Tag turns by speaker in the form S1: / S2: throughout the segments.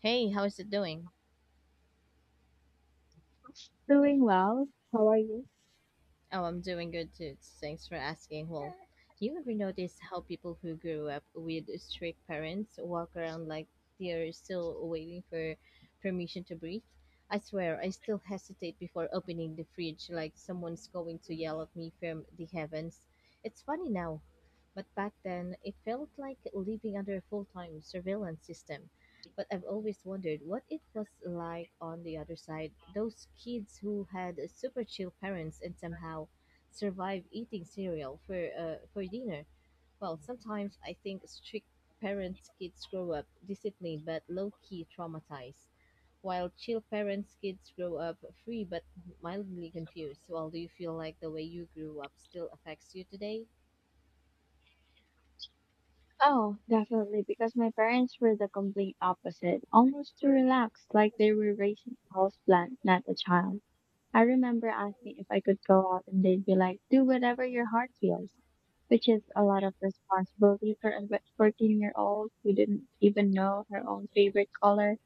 S1: Hey, how's it doing?
S2: Doing well. How are you?
S1: Oh, I'm doing good too. Thanks for asking. Well, you ever notice how people who grew up with strict parents walk around like they're still waiting for permission to breathe? I swear, I still hesitate before opening the fridge like someone's going to yell at me from the heavens. It's funny now, but back then, it felt like living under a full-time surveillance system. But I've always wondered what it was like on the other side, those kids who had super chill parents and somehow survive eating cereal for for dinner. Well, sometimes I think strict parents' kids grow up disciplined but low-key traumatized, while chill parents' kids grow up free but mildly confused. Well, do you feel like the way you grew up still affects you today?
S2: Oh, definitely, because my parents were the complete opposite, almost too relaxed, like they were raising a houseplant, not a child. I remember asking if I could go out, and they'd be like, "Do whatever your heart feels," which is a lot of responsibility for a 14-year-old who didn't even know her own favorite color.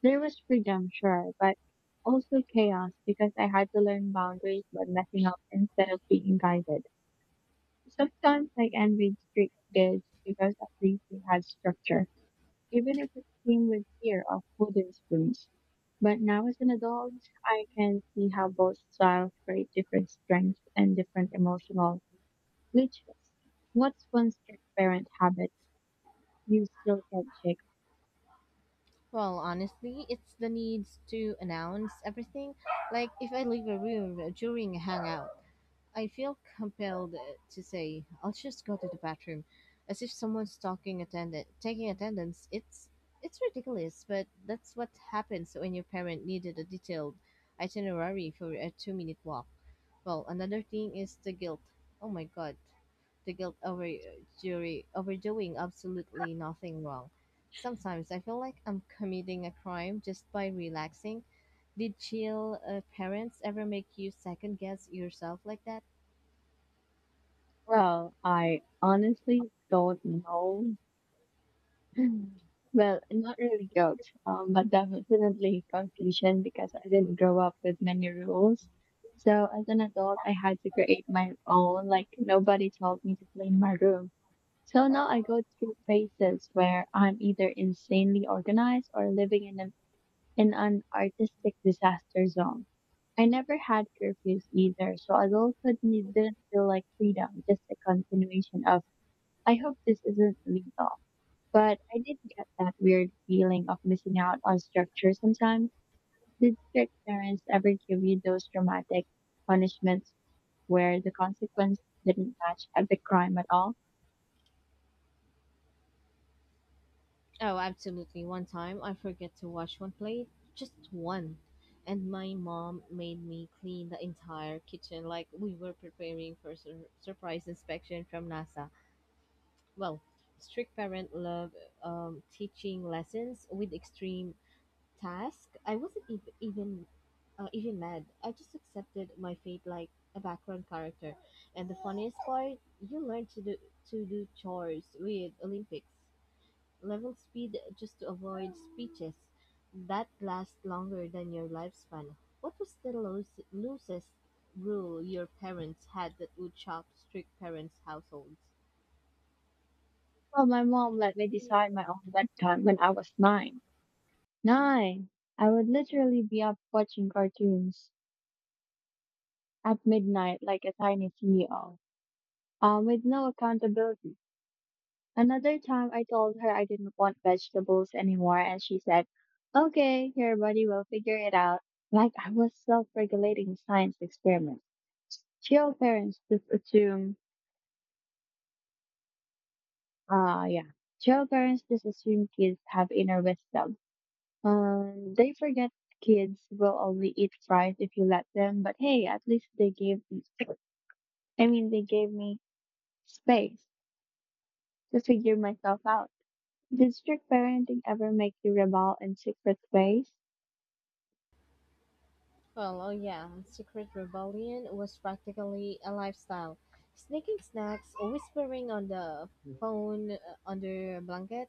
S2: There was freedom, sure, but also chaos because I had to learn boundaries by messing up instead of being guided. Sometimes I envied street kids because at least they had structure, even if it came with fear of wooden spoons. But now as an adult, I can see how both styles create different strengths and different emotional glitches. What's one strict parent habit you still can't shake?
S1: Well, honestly, it's the needs to announce everything. Like if I leave a room during a hangout, I feel compelled to say, I'll just go to the bathroom, as if someone's talking attendant taking attendance. It's ridiculous, but that's what happens when your parent needed a detailed itinerary for a 2-minute walk. Well, another thing is the guilt. Oh my god. The guilt over jury over doing absolutely nothing wrong. Sometimes I feel like I'm committing a crime just by relaxing. Did chill parents ever make you second guess yourself like that?
S2: Well, I honestly don't know. Mm. Well, not really guilt, but definitely confusion because I didn't grow up with many rules. So as an adult, I had to create my own, like nobody told me to clean my room. So now I go through phases where I'm either insanely organized or living in an artistic disaster zone. I never had curfews either, so adulthood didn't feel like freedom, just a continuation of, I hope this isn't legal. But I did get that weird feeling of missing out on structure sometimes. Did strict parents ever give you those dramatic punishments where the consequence didn't match at the crime at all?
S1: Oh, absolutely. One time I forget to wash one plate, just one. And my mom made me clean the entire kitchen like we were preparing for surprise inspection from NASA. Well, strict parent love teaching lessons with extreme task. I wasn't even mad. I just accepted my fate like a background character. And the funniest part, you learn to do chores with Olympics level speed just to avoid speeches that last longer than your lifespan. What was the loosest rule your parents had that would shock strict parents' households?
S2: Well, my mom let me decide my own bedtime when I was nine. Nine! I would literally be up watching cartoons at midnight like a tiny CEO, with no accountability. Another time I told her I didn't want vegetables anymore and she said, "Okay, your body will figure it out." Like I was self-regulating science experiment. Chill parents just assume, uh, yeah, chill parents just assume kids have inner wisdom. They forget kids will only eat fries if you let them, but hey, at least they gave me, I mean, they gave me space to figure myself out. Did strict parenting ever make you rebel in secret ways?
S1: Well, oh yeah, secret rebellion was practically a lifestyle. Sneaking snacks, whispering on the phone under a blanket,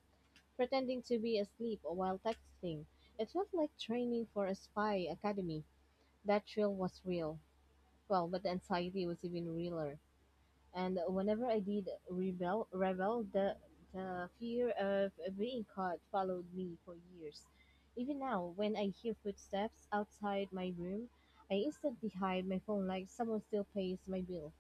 S1: pretending to be asleep while texting. It felt like training for a spy academy. That thrill was real. Well, but the anxiety was even realer. And whenever I did rebel, the fear of being caught followed me for years. Even now, when I hear footsteps outside my room, I instantly hide my phone like someone still pays my bill.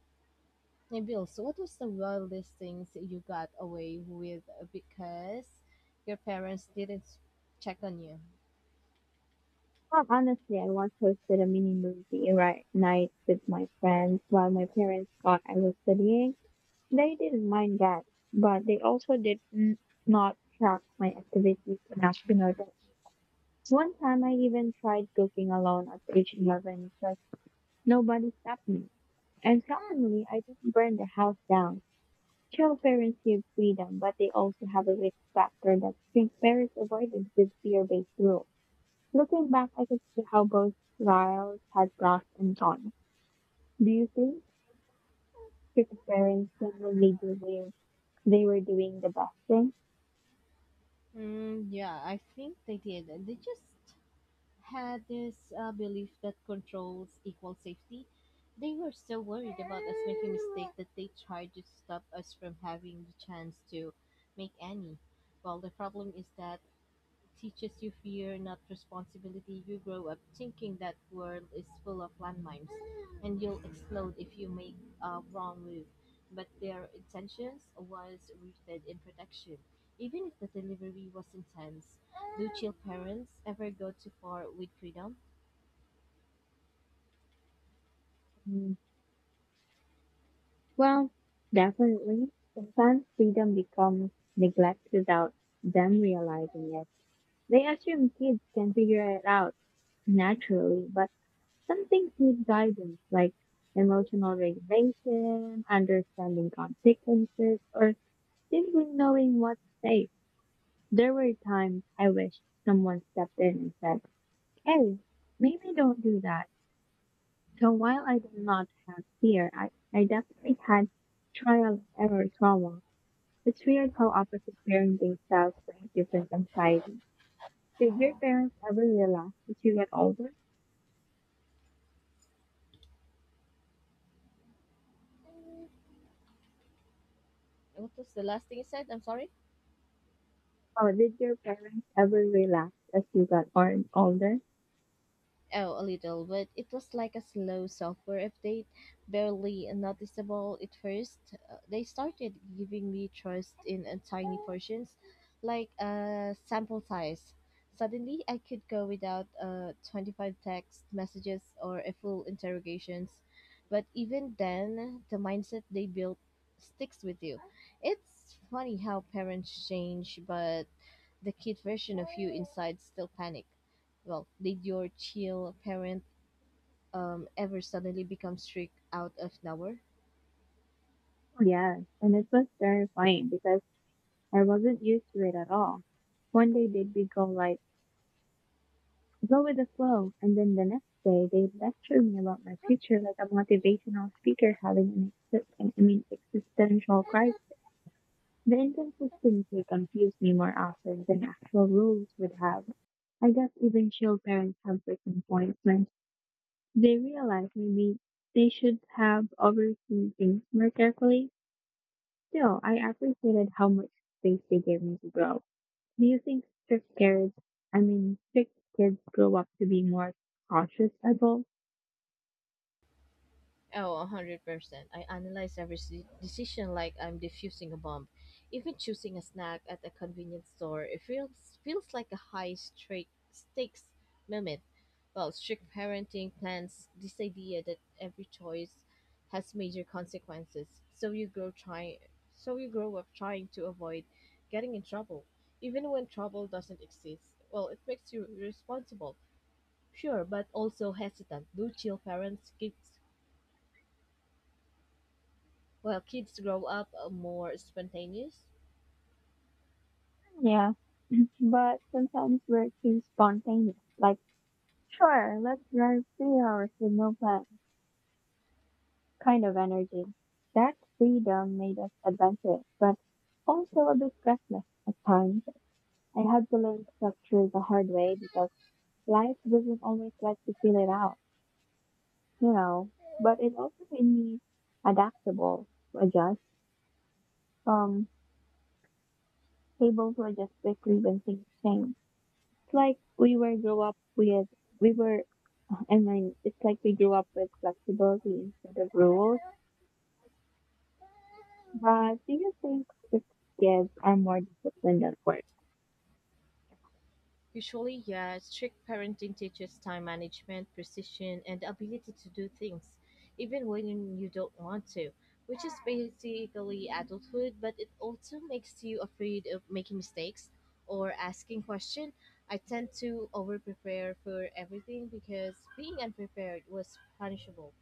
S1: My bill. So, what was the wildest things you got away with because your parents didn't check on you?
S2: Well, honestly, I once hosted a mini movie night with my friends while my parents thought I was studying. They didn't mind that, but they also did not track my activities on National Day. One time I even tried cooking alone at age 11 because nobody stopped me. And shockingly, I didn't burn the house down. Child parents give freedom, but they also have a risk factor that strict parents avoided with fear-based rules. Looking back, I can see how both styles had pros and cons. Do you think cricket parents generally do where they were doing the best thing?
S1: Mm, yeah, I think they did. They just had this belief that controls equal safety. They were so worried about us making mistakes that they tried to stop us from having the chance to make any. Well, the problem is that teaches you fear, not responsibility. You grow up thinking that world is full of landmines, and you'll explode if you make a wrong move. But their intentions was rooted in protection, even if the delivery was intense. Do chill parents ever go too far with freedom?
S2: Mm. Well, definitely. Sometimes freedom becomes neglect without them realizing it. They assume kids can figure it out naturally, but some things need guidance, like emotional regulation, understanding consequences, or simply knowing what's safe. There were times I wished someone stepped in and said, "Hey, maybe don't do that." So while I did not have fear, I definitely had trial and error trauma. It's weird how opposite parenting styles bring different anxieties. Did your parents ever relax as you get older?
S1: What was the last thing you said? I'm sorry.
S2: Or did your parents ever relax as you got older?
S1: Oh, a little, but it was like a slow software update, barely noticeable at first. They started giving me trust in tiny portions, like sample size. Suddenly, I could go without 25 text messages or a full interrogations. But even then, the mindset they built sticks with you. It's funny how parents change, but the kid version of you inside still panic. Well, did your chill parent ever suddenly become strict out of nowhere?
S2: Yes, and it was terrifying because I wasn't used to it at all. One day did we go live go with the flow. And then the next day, they lecture me about my future like a motivational speaker having an, I mean, existential crisis. The inconsistency confused me more often than actual rules would have. I guess even chill parents have breaking points when they realize maybe they should have overseen things more carefully. Still, I appreciated how much space they gave me to grow. Do you think I mean, strict kids grow up to be more cautious adults?
S1: Oh, 100%. I analyze every decision like I'm defusing a bomb. Even choosing a snack at a convenience store, feels like a high straight stakes moment. Well, strict parenting plans this idea that every choice has major consequences. So you grow up trying to avoid getting in trouble, even when trouble doesn't exist. Well, it makes you responsible, sure, but also hesitant. Do chill parents give, well, kids grow up more spontaneous.
S2: Yeah, Mhm. But sometimes we're too spontaneous. Like, sure, let's drive 3 hours with no plan kind of energy. That freedom made us adventurous, but also a bit reckless at times. I had to learn structure the hard way because life doesn't always let you feel it out, you know. But it also made me adaptable, adjust, um, able to adjust quickly when things change. It's like we were we were I mean, it's like we grew up with flexibility instead of rules. But do you think the kids are more disciplined at work?
S1: Usually, yeah, strict parenting teaches time management, precision, and the ability to do things, even when you don't want to, which is basically adulthood, but it also makes you afraid of making mistakes or asking questions. I tend to over prepare for everything because being unprepared was punishable.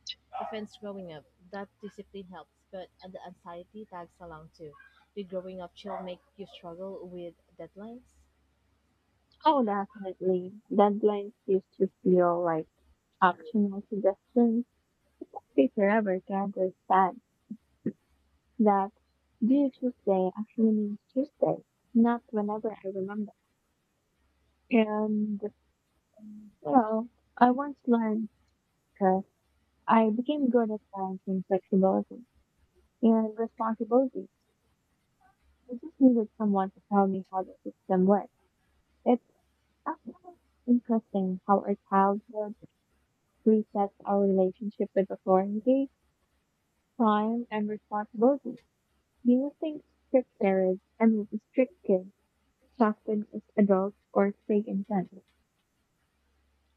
S1: Offense growing up, that discipline helps, but the anxiety tags along too. Did growing up chill make you struggle with deadlines?
S2: Oh definitely. Deadlines used to feel like optional suggestions. Take forever to understand that due Tuesday actually means Tuesday, not whenever I remember. And well, I once learned because I became good at science and flexibility, and responsibility. I just needed someone to tell me how the system works. It's actually interesting how our childhood resets our relationship with authority, time, and responsibility. Do you think strict parents and strict kids soften as adults or fake intent?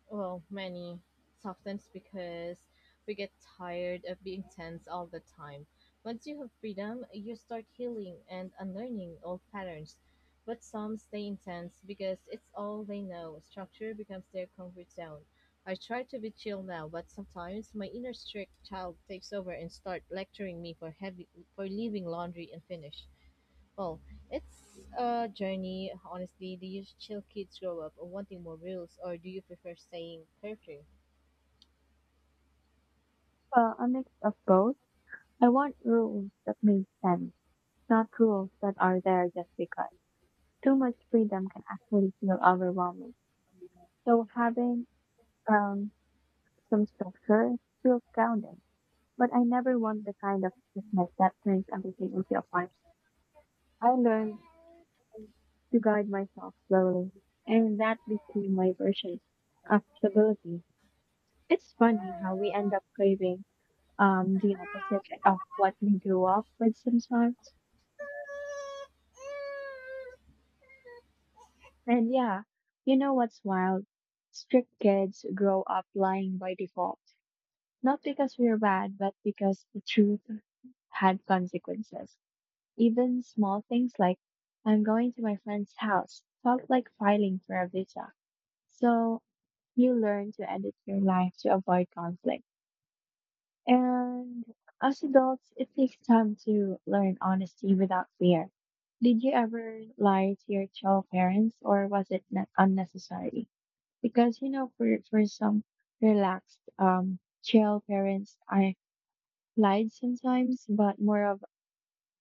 S1: Well, many. Sometimes because we get tired of being tense all the time. Once you have freedom, you start healing and unlearning old patterns. But some stay intense because it's all they know. Structure becomes their comfort zone. I try to be chill now, but sometimes my inner strict child takes over and start lecturing me for heavy for leaving laundry unfinished. Well, it's a journey, honestly. Do you chill kids grow up wanting more rules, or do you prefer staying carefree?
S2: Well, a mix of both. I want rules that make sense, not rules that are there just because. Too much freedom can actually feel overwhelming. So having um Some structure feels grounding, but I never want the kind of business that turns everything into a farm. I learned to guide myself slowly, and that became my version of stability. It's funny how we end up craving the opposite of what we grew up with sometimes. And yeah, you know what's wild? Strict kids grow up lying by default, not because we're bad, but because the truth had consequences. Even small things like "I'm going to my friend's house" felt like filing for a visa. So you learn to edit your life to avoid conflict. And as adults, it takes time to learn honesty without fear. Did you ever lie to your child parents or was it not unnecessary? Because for some relaxed child parents, I lied sometimes, but more of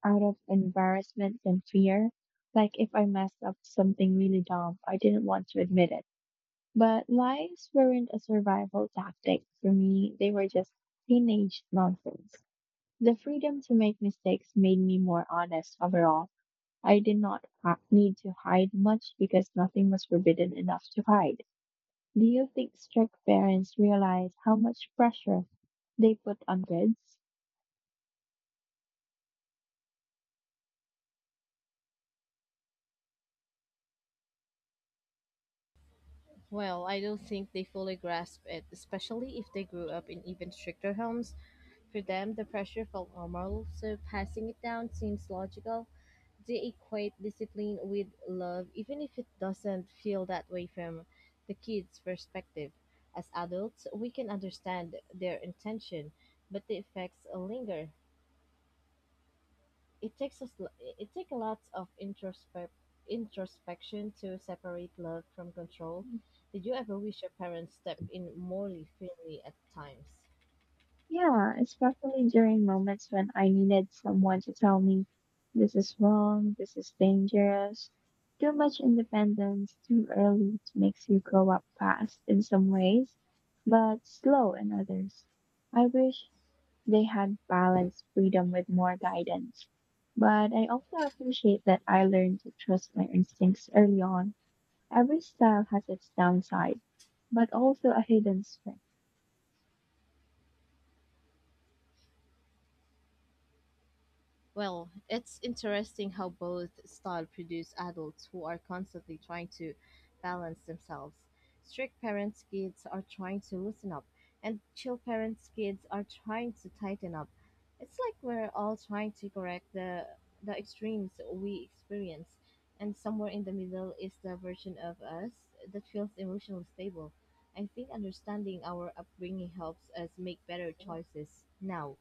S2: out of embarrassment and fear. Like if I messed up something really dumb, I didn't want to admit it. But lies weren't a survival tactic for me, they were just teenage nonsense. The freedom to make mistakes made me more honest overall. I did not need to hide much because nothing was forbidden enough to hide. Do you think strict parents realize how much pressure they put on kids?
S1: Well, I don't think they fully grasp it, especially if they grew up in even stricter homes. For them, the pressure felt normal, so passing it down seems logical. They equate discipline with love, even if it doesn't feel that way from the kids' perspective. As adults, we can understand their intention, but the effects linger. It takes us it takes a lot of introspection to separate love from control. Did you ever wish your parents stepped in more firmly at times?
S2: Yeah, especially during moments when I needed someone to tell me "this is wrong, this is dangerous." Too much independence too early makes you grow up fast in some ways, but slow in others. I wish they had balanced freedom with more guidance. But I also appreciate that I learned to trust my instincts early on. Every style has its downside, but also a hidden strength.
S1: Well, it's interesting how both style produce adults who are constantly trying to balance themselves. Strict parents' kids are trying to loosen up, and chill parents' kids are trying to tighten up. It's like we're all trying to correct the extremes we experience, and somewhere in the middle is the version of us that feels emotionally stable. I think understanding our upbringing helps us make better choices now.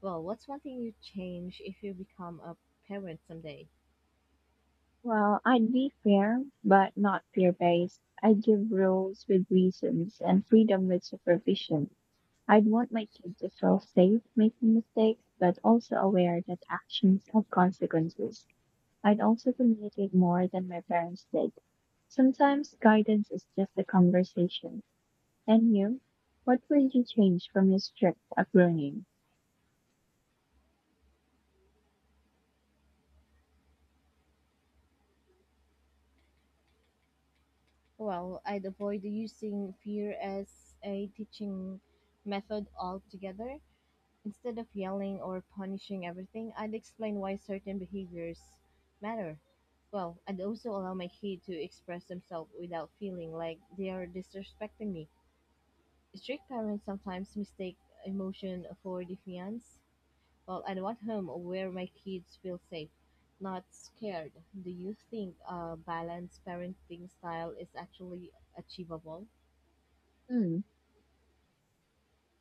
S1: Well, what's one thing you'd change if you become a parent someday?
S2: Well, I'd be fair, but not fear based. I'd give rules with reasons and freedom with supervision. I'd want my kids to feel safe making mistakes, but also aware that actions have consequences. I'd also communicate more than my parents did. Sometimes guidance is just a conversation. And you? What would you change from your strict upbringing?
S1: Well, I'd avoid using fear as a teaching method altogether. Instead of yelling or punishing everything, I'd explain why certain behaviors matter. Well, I'd also allow my kid to express themselves without feeling like they are disrespecting me. Strict parents sometimes mistake emotion for defiance. Well, I want home where my kids feel safe, not scared. Do you think a balanced parenting style is actually achievable?
S2: Hmm.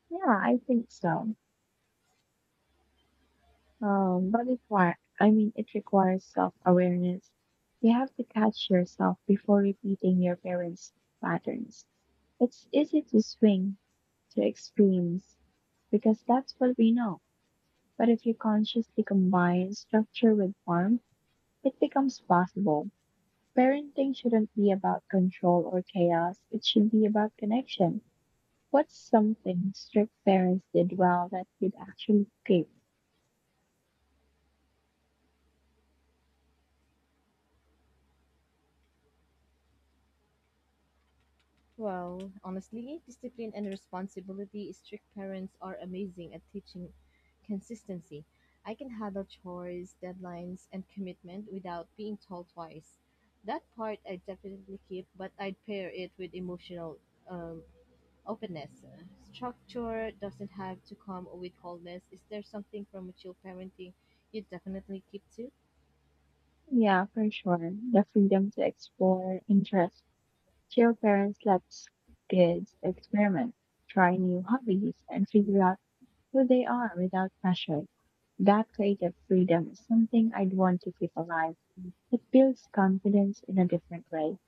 S2: Yeah, I think so. But it, I mean, it requires self-awareness. You have to catch yourself before repeating your parents' patterns. It's easy to swing to extremes because that's what we know. But if you consciously combine structure with form, it becomes possible. Parenting shouldn't be about control or chaos. It should be about connection. What's something strict parents did well that you'd actually escape?
S1: Well, honestly, discipline and responsibility, strict parents are amazing at teaching consistency. I can handle chores, deadlines, and commitment without being told twice. That part I definitely keep, but I'd pair it with emotional um, openness. Structure doesn't have to come with wholeness. Is there something from mature parenting you definitely keep to?
S2: Yeah, for sure. The freedom to explore interests. Chill parents let kids experiment, try new hobbies, and figure out who they are without pressure. That creative freedom is something I'd want to keep alive. It builds confidence in a different way,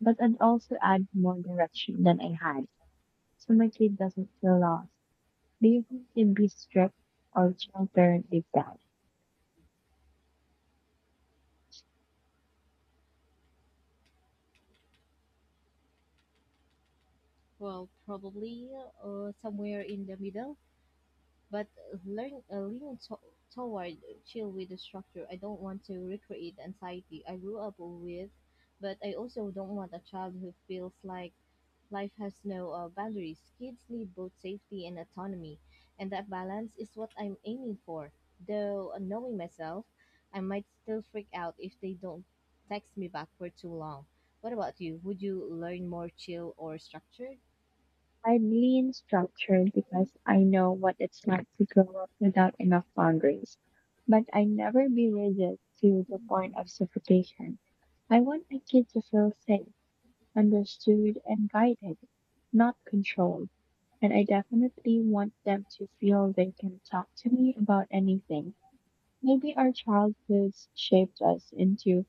S2: but it also adds more direction than I had, so my kid doesn't feel lost. Do you think you'd be strict or chill parent if that?
S1: Well, probably somewhere in the middle, but learn lean toward chill with the structure. I don't want to recreate the anxiety I grew up with, but I also don't want a child who feels like life has no boundaries. Kids need both safety and autonomy, and that balance is what I'm aiming for. Though, knowing myself, I might still freak out if they don't text me back for too long. What about you? Would you learn more chill or structure?
S2: I'm lean structured because I know what it's like to grow up without enough boundaries. But I never be rigid to the point of suffocation. I want my kids to feel safe, understood, and guided, not controlled. And I definitely want them to feel they can talk to me about anything. Maybe our childhoods shaped us into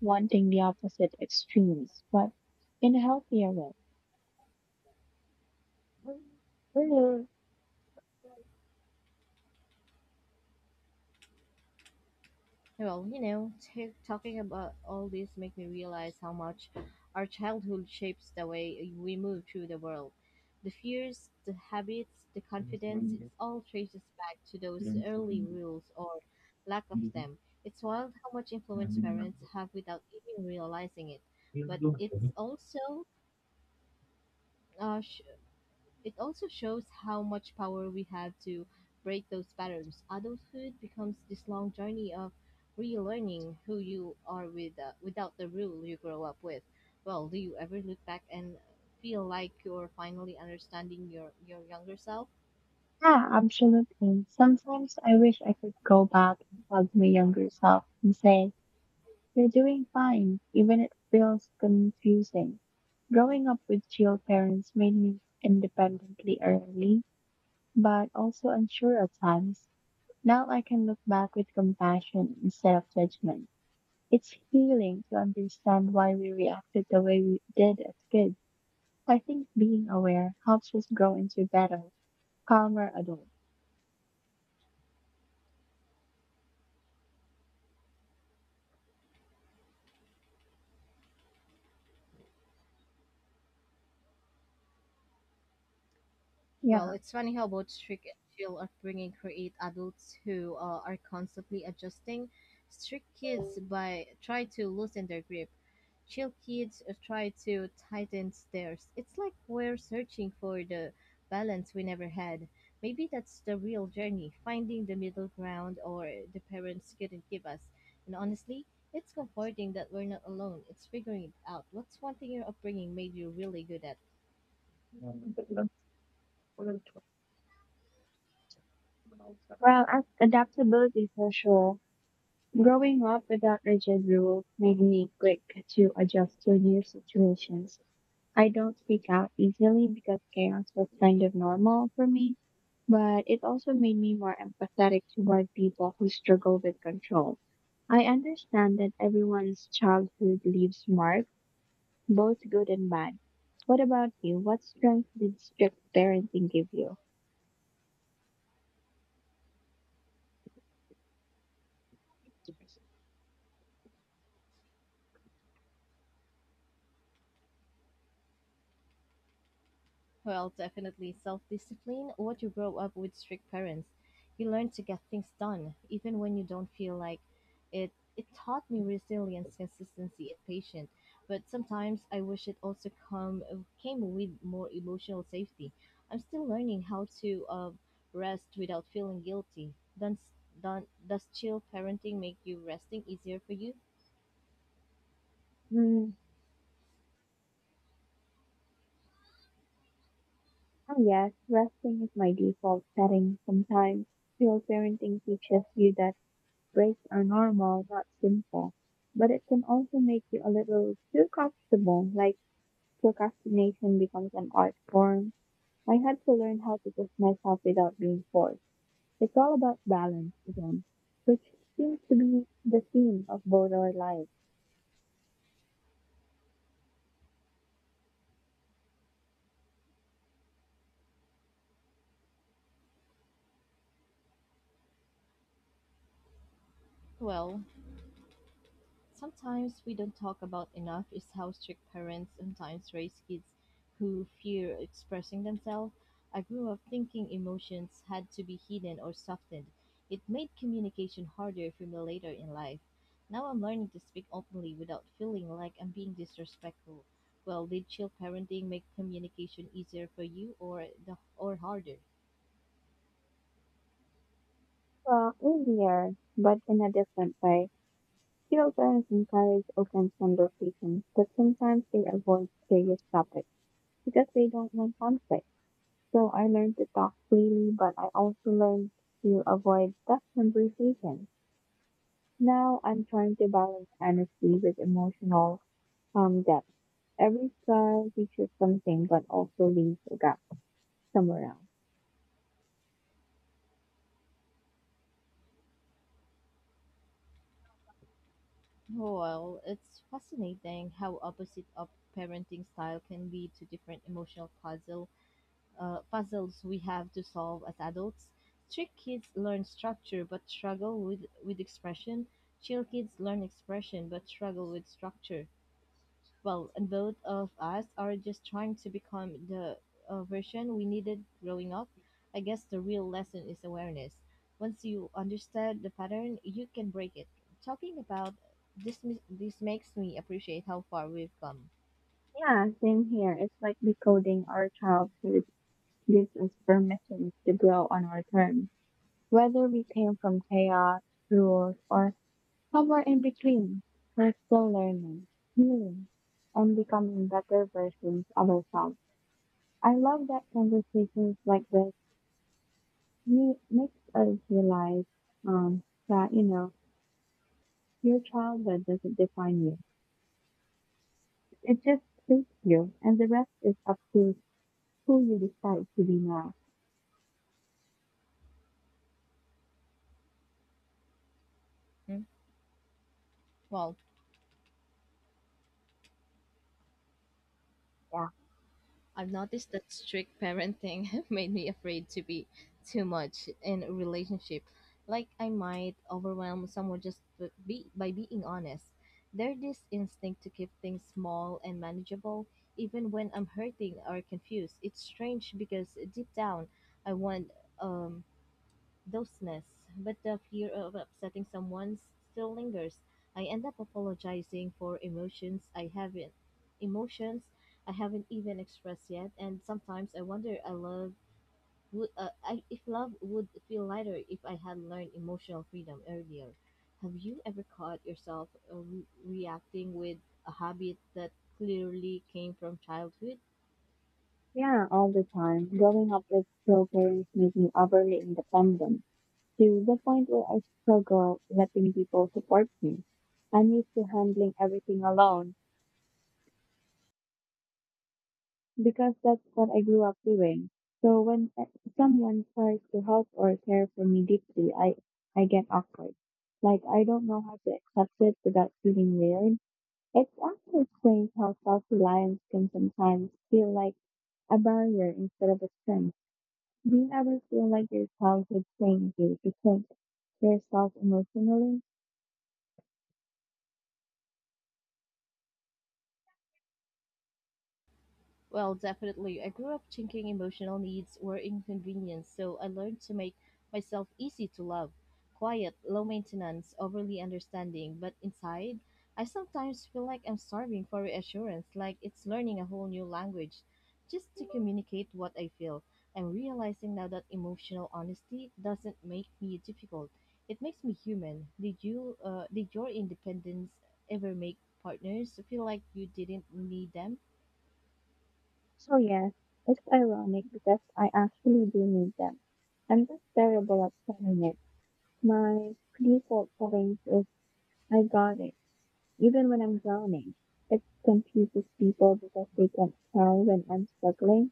S2: wanting the opposite extremes, but in a healthier way.
S1: Well, you know, talking about all this make me realize how much our childhood shapes the way we move through the world. The fears, the habits, the confidence, it all traces back to those early rules or lack of them. It's wild how much influence parents have without even realizing it. But uh, it also shows how much power we have to break those patterns. Adulthood becomes this long journey of relearning who you are without the rule you grow up with. Well, do you ever look back and feel like you're finally understanding your younger self?
S2: Yeah, absolutely. Sometimes I wish I could go back and hug my younger self and say, "You're doing fine, even it feels confusing." Growing up with chill parents made me independently early, but also unsure at times. Now I can look back with compassion instead of judgment. It's healing to understand why we reacted the way we did as kids. I think being aware helps us grow into better, calmer adults.
S1: Well,
S2: Yeah.
S1: it's funny how both strict and chill upbringing create adults who are constantly adjusting. Strict kids by try to loosen their grip. Chill kids try to tighten theirs. It's like we're searching for the balance we never had. Maybe that's the real journey, finding the middle ground or the parents couldn't give us. And honestly, it's comforting that we're not alone. It's figuring it out. What's one thing your upbringing made you really good at?
S2: Well, adaptability for sure. Growing up without rigid rules made me quick to adjust to new situations. I don't speak out easily because chaos was kind of normal for me, but it also made me more empathetic toward people who struggle with control. I understand that everyone's childhood leaves marks, both good and bad. What about you? What strength did strict parenting give you?
S1: Well, definitely self discipline. What you grow up with strict parents, you learn to get things done, even when you don't feel like it. It taught me resilience, consistency, and patience. But sometimes I wish it also come came with more emotional safety. I'm still learning how to rest without feeling guilty. Does, does does chill parenting make you resting easier for you?
S2: Mm, oh yes, resting is my default setting sometimes. Feel parenting teaches you that breaks are normal, not simple. But it can also make you a little too comfortable, like procrastination becomes an art form. I had to learn how to push myself without being forced. It's all about balance again, which seems to be the theme of both our lives.
S1: Well, sometimes we don't talk about enough is how strict parents sometimes raise kids who fear expressing themselves. I grew up thinking emotions had to be hidden or softened. It made communication harder for me later in life. Now I'm learning to speak openly without feeling like I'm being disrespectful. Well, did chill parenting make communication easier for you or the or harder?
S2: Well, in the air, but in a different way. Children encourage open conversations, but sometimes they avoid serious topics because they don't want conflict. So I learned to talk freely, but I also learned to avoid tough conversations. Now I'm trying to balance honesty with emotional depth. Every style teaches something, but also leaves a gap somewhere else.
S1: Well, it's fascinating how opposite of parenting style can lead to different emotional puzzle puzzles we have to solve as adults. Strict kids learn structure but struggle with expression. Chill kids learn expression but struggle with structure. Well, and both of us are just trying to become the version we needed growing up. I guess the real lesson is awareness. Once you understand the pattern, you can break it. Talking about this makes me appreciate how far we've come.
S2: Yeah, same here. It's like decoding our childhood gives us permission to grow on our terms. Whether we came from chaos, rules, or somewhere in between, we're still learning, healing, and becoming better versions of ourselves. I love that conversations like this makes us realize um, that, your childhood doesn't define you. It just shapes you, and the rest is up to who you decide to be now.
S1: Hmm? Well,
S2: Yeah.
S1: I've noticed that strict parenting made me afraid to be too much in a relationship. Like I might overwhelm someone just b- be by being honest. There's this instinct to keep things small and manageable, even when I'm hurting or confused. It's strange because deep down, I want um doseness, but the fear of upsetting someone still lingers. I end up apologizing for emotions I haven't even expressed yet, and sometimes I wonder I love would I, if love would feel lighter if I had learned emotional freedom earlier. Have you ever caught yourself reacting with a habit that clearly came from childhood?
S2: Yeah, all the time. Growing up with still parents made me overly independent to the point where I struggle letting people support me. I'm used to handling everything alone because that's what I grew up doing. So when someone tries to help or care for me deeply, I get awkward. Like I don't know how to accept it without feeling weird. It's actually strange how self-reliance can sometimes feel like a barrier instead of a strength. Do you ever feel like your childhood trained you to think yourself emotionally?
S1: Well, definitely. I grew up thinking emotional needs were inconvenience, so I learned to make myself easy to love. Quiet, low maintenance, overly understanding, but inside, I sometimes feel like I'm starving for reassurance, like it's learning a whole new language just to communicate what I feel. I'm realizing now that emotional honesty doesn't make me difficult. It makes me human. Did you did your independence ever make partners feel like you didn't need them?
S2: So yes, it's ironic because I actually do need them. I'm just terrible at selling it. My default settings is "I got it," even when I'm drowning. It confuses people because they can't tell when I'm struggling.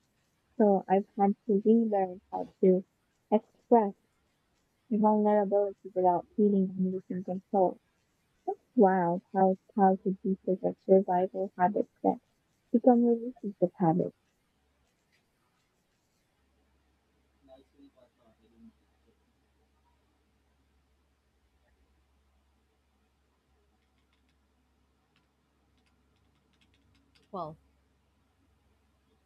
S2: So I've had to relearn how to express vulnerability without feeling I'm losing control. It's wild how childhood pieces of survival habits that become relationship habits.
S1: Well,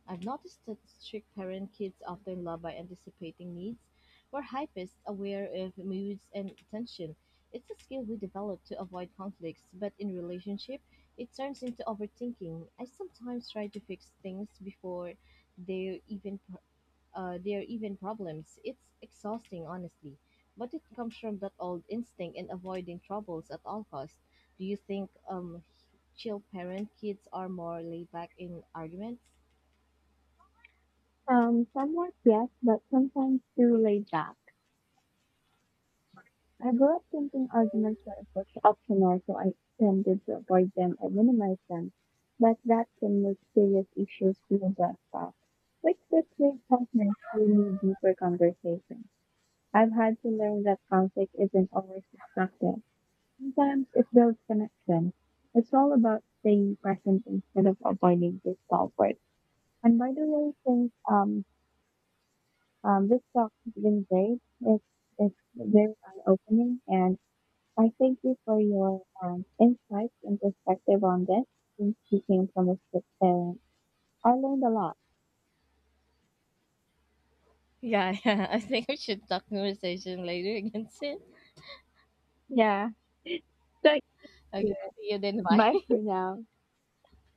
S1: I've noticed that strict parent kids often love by anticipating needs, where hypists aware of moods and attention. It's a skill we develop to avoid conflicts, but in relationship, it turns into overthinking. I sometimes try to fix things before they're even they're even problems. It's exhausting, honestly, but it comes from that old instinct in avoiding troubles at all costs. Do you think chill parent kids are more laid back in arguments?
S2: Somewhat yes, but sometimes too laid back. I grew up thinking arguments were optional, so I tended to avoid them or minimize them. But that can make serious issues feel less tough, which could make partners who need deeper conversation. I've had to learn that conflict isn't always destructive. Sometimes it builds connection. It's all about staying present instead of avoiding discomfort. And by the way, since this talk has been great. It's very eye-opening, and I thank you for your insights and perspective on this. Since you came from a strict parent, I learned a lot.
S1: Yeah, yeah. I think we should talk conversation later again soon.
S2: Yeah. Thank
S1: Okay,
S2: you.
S1: see you then. Bye.
S2: Bye for now.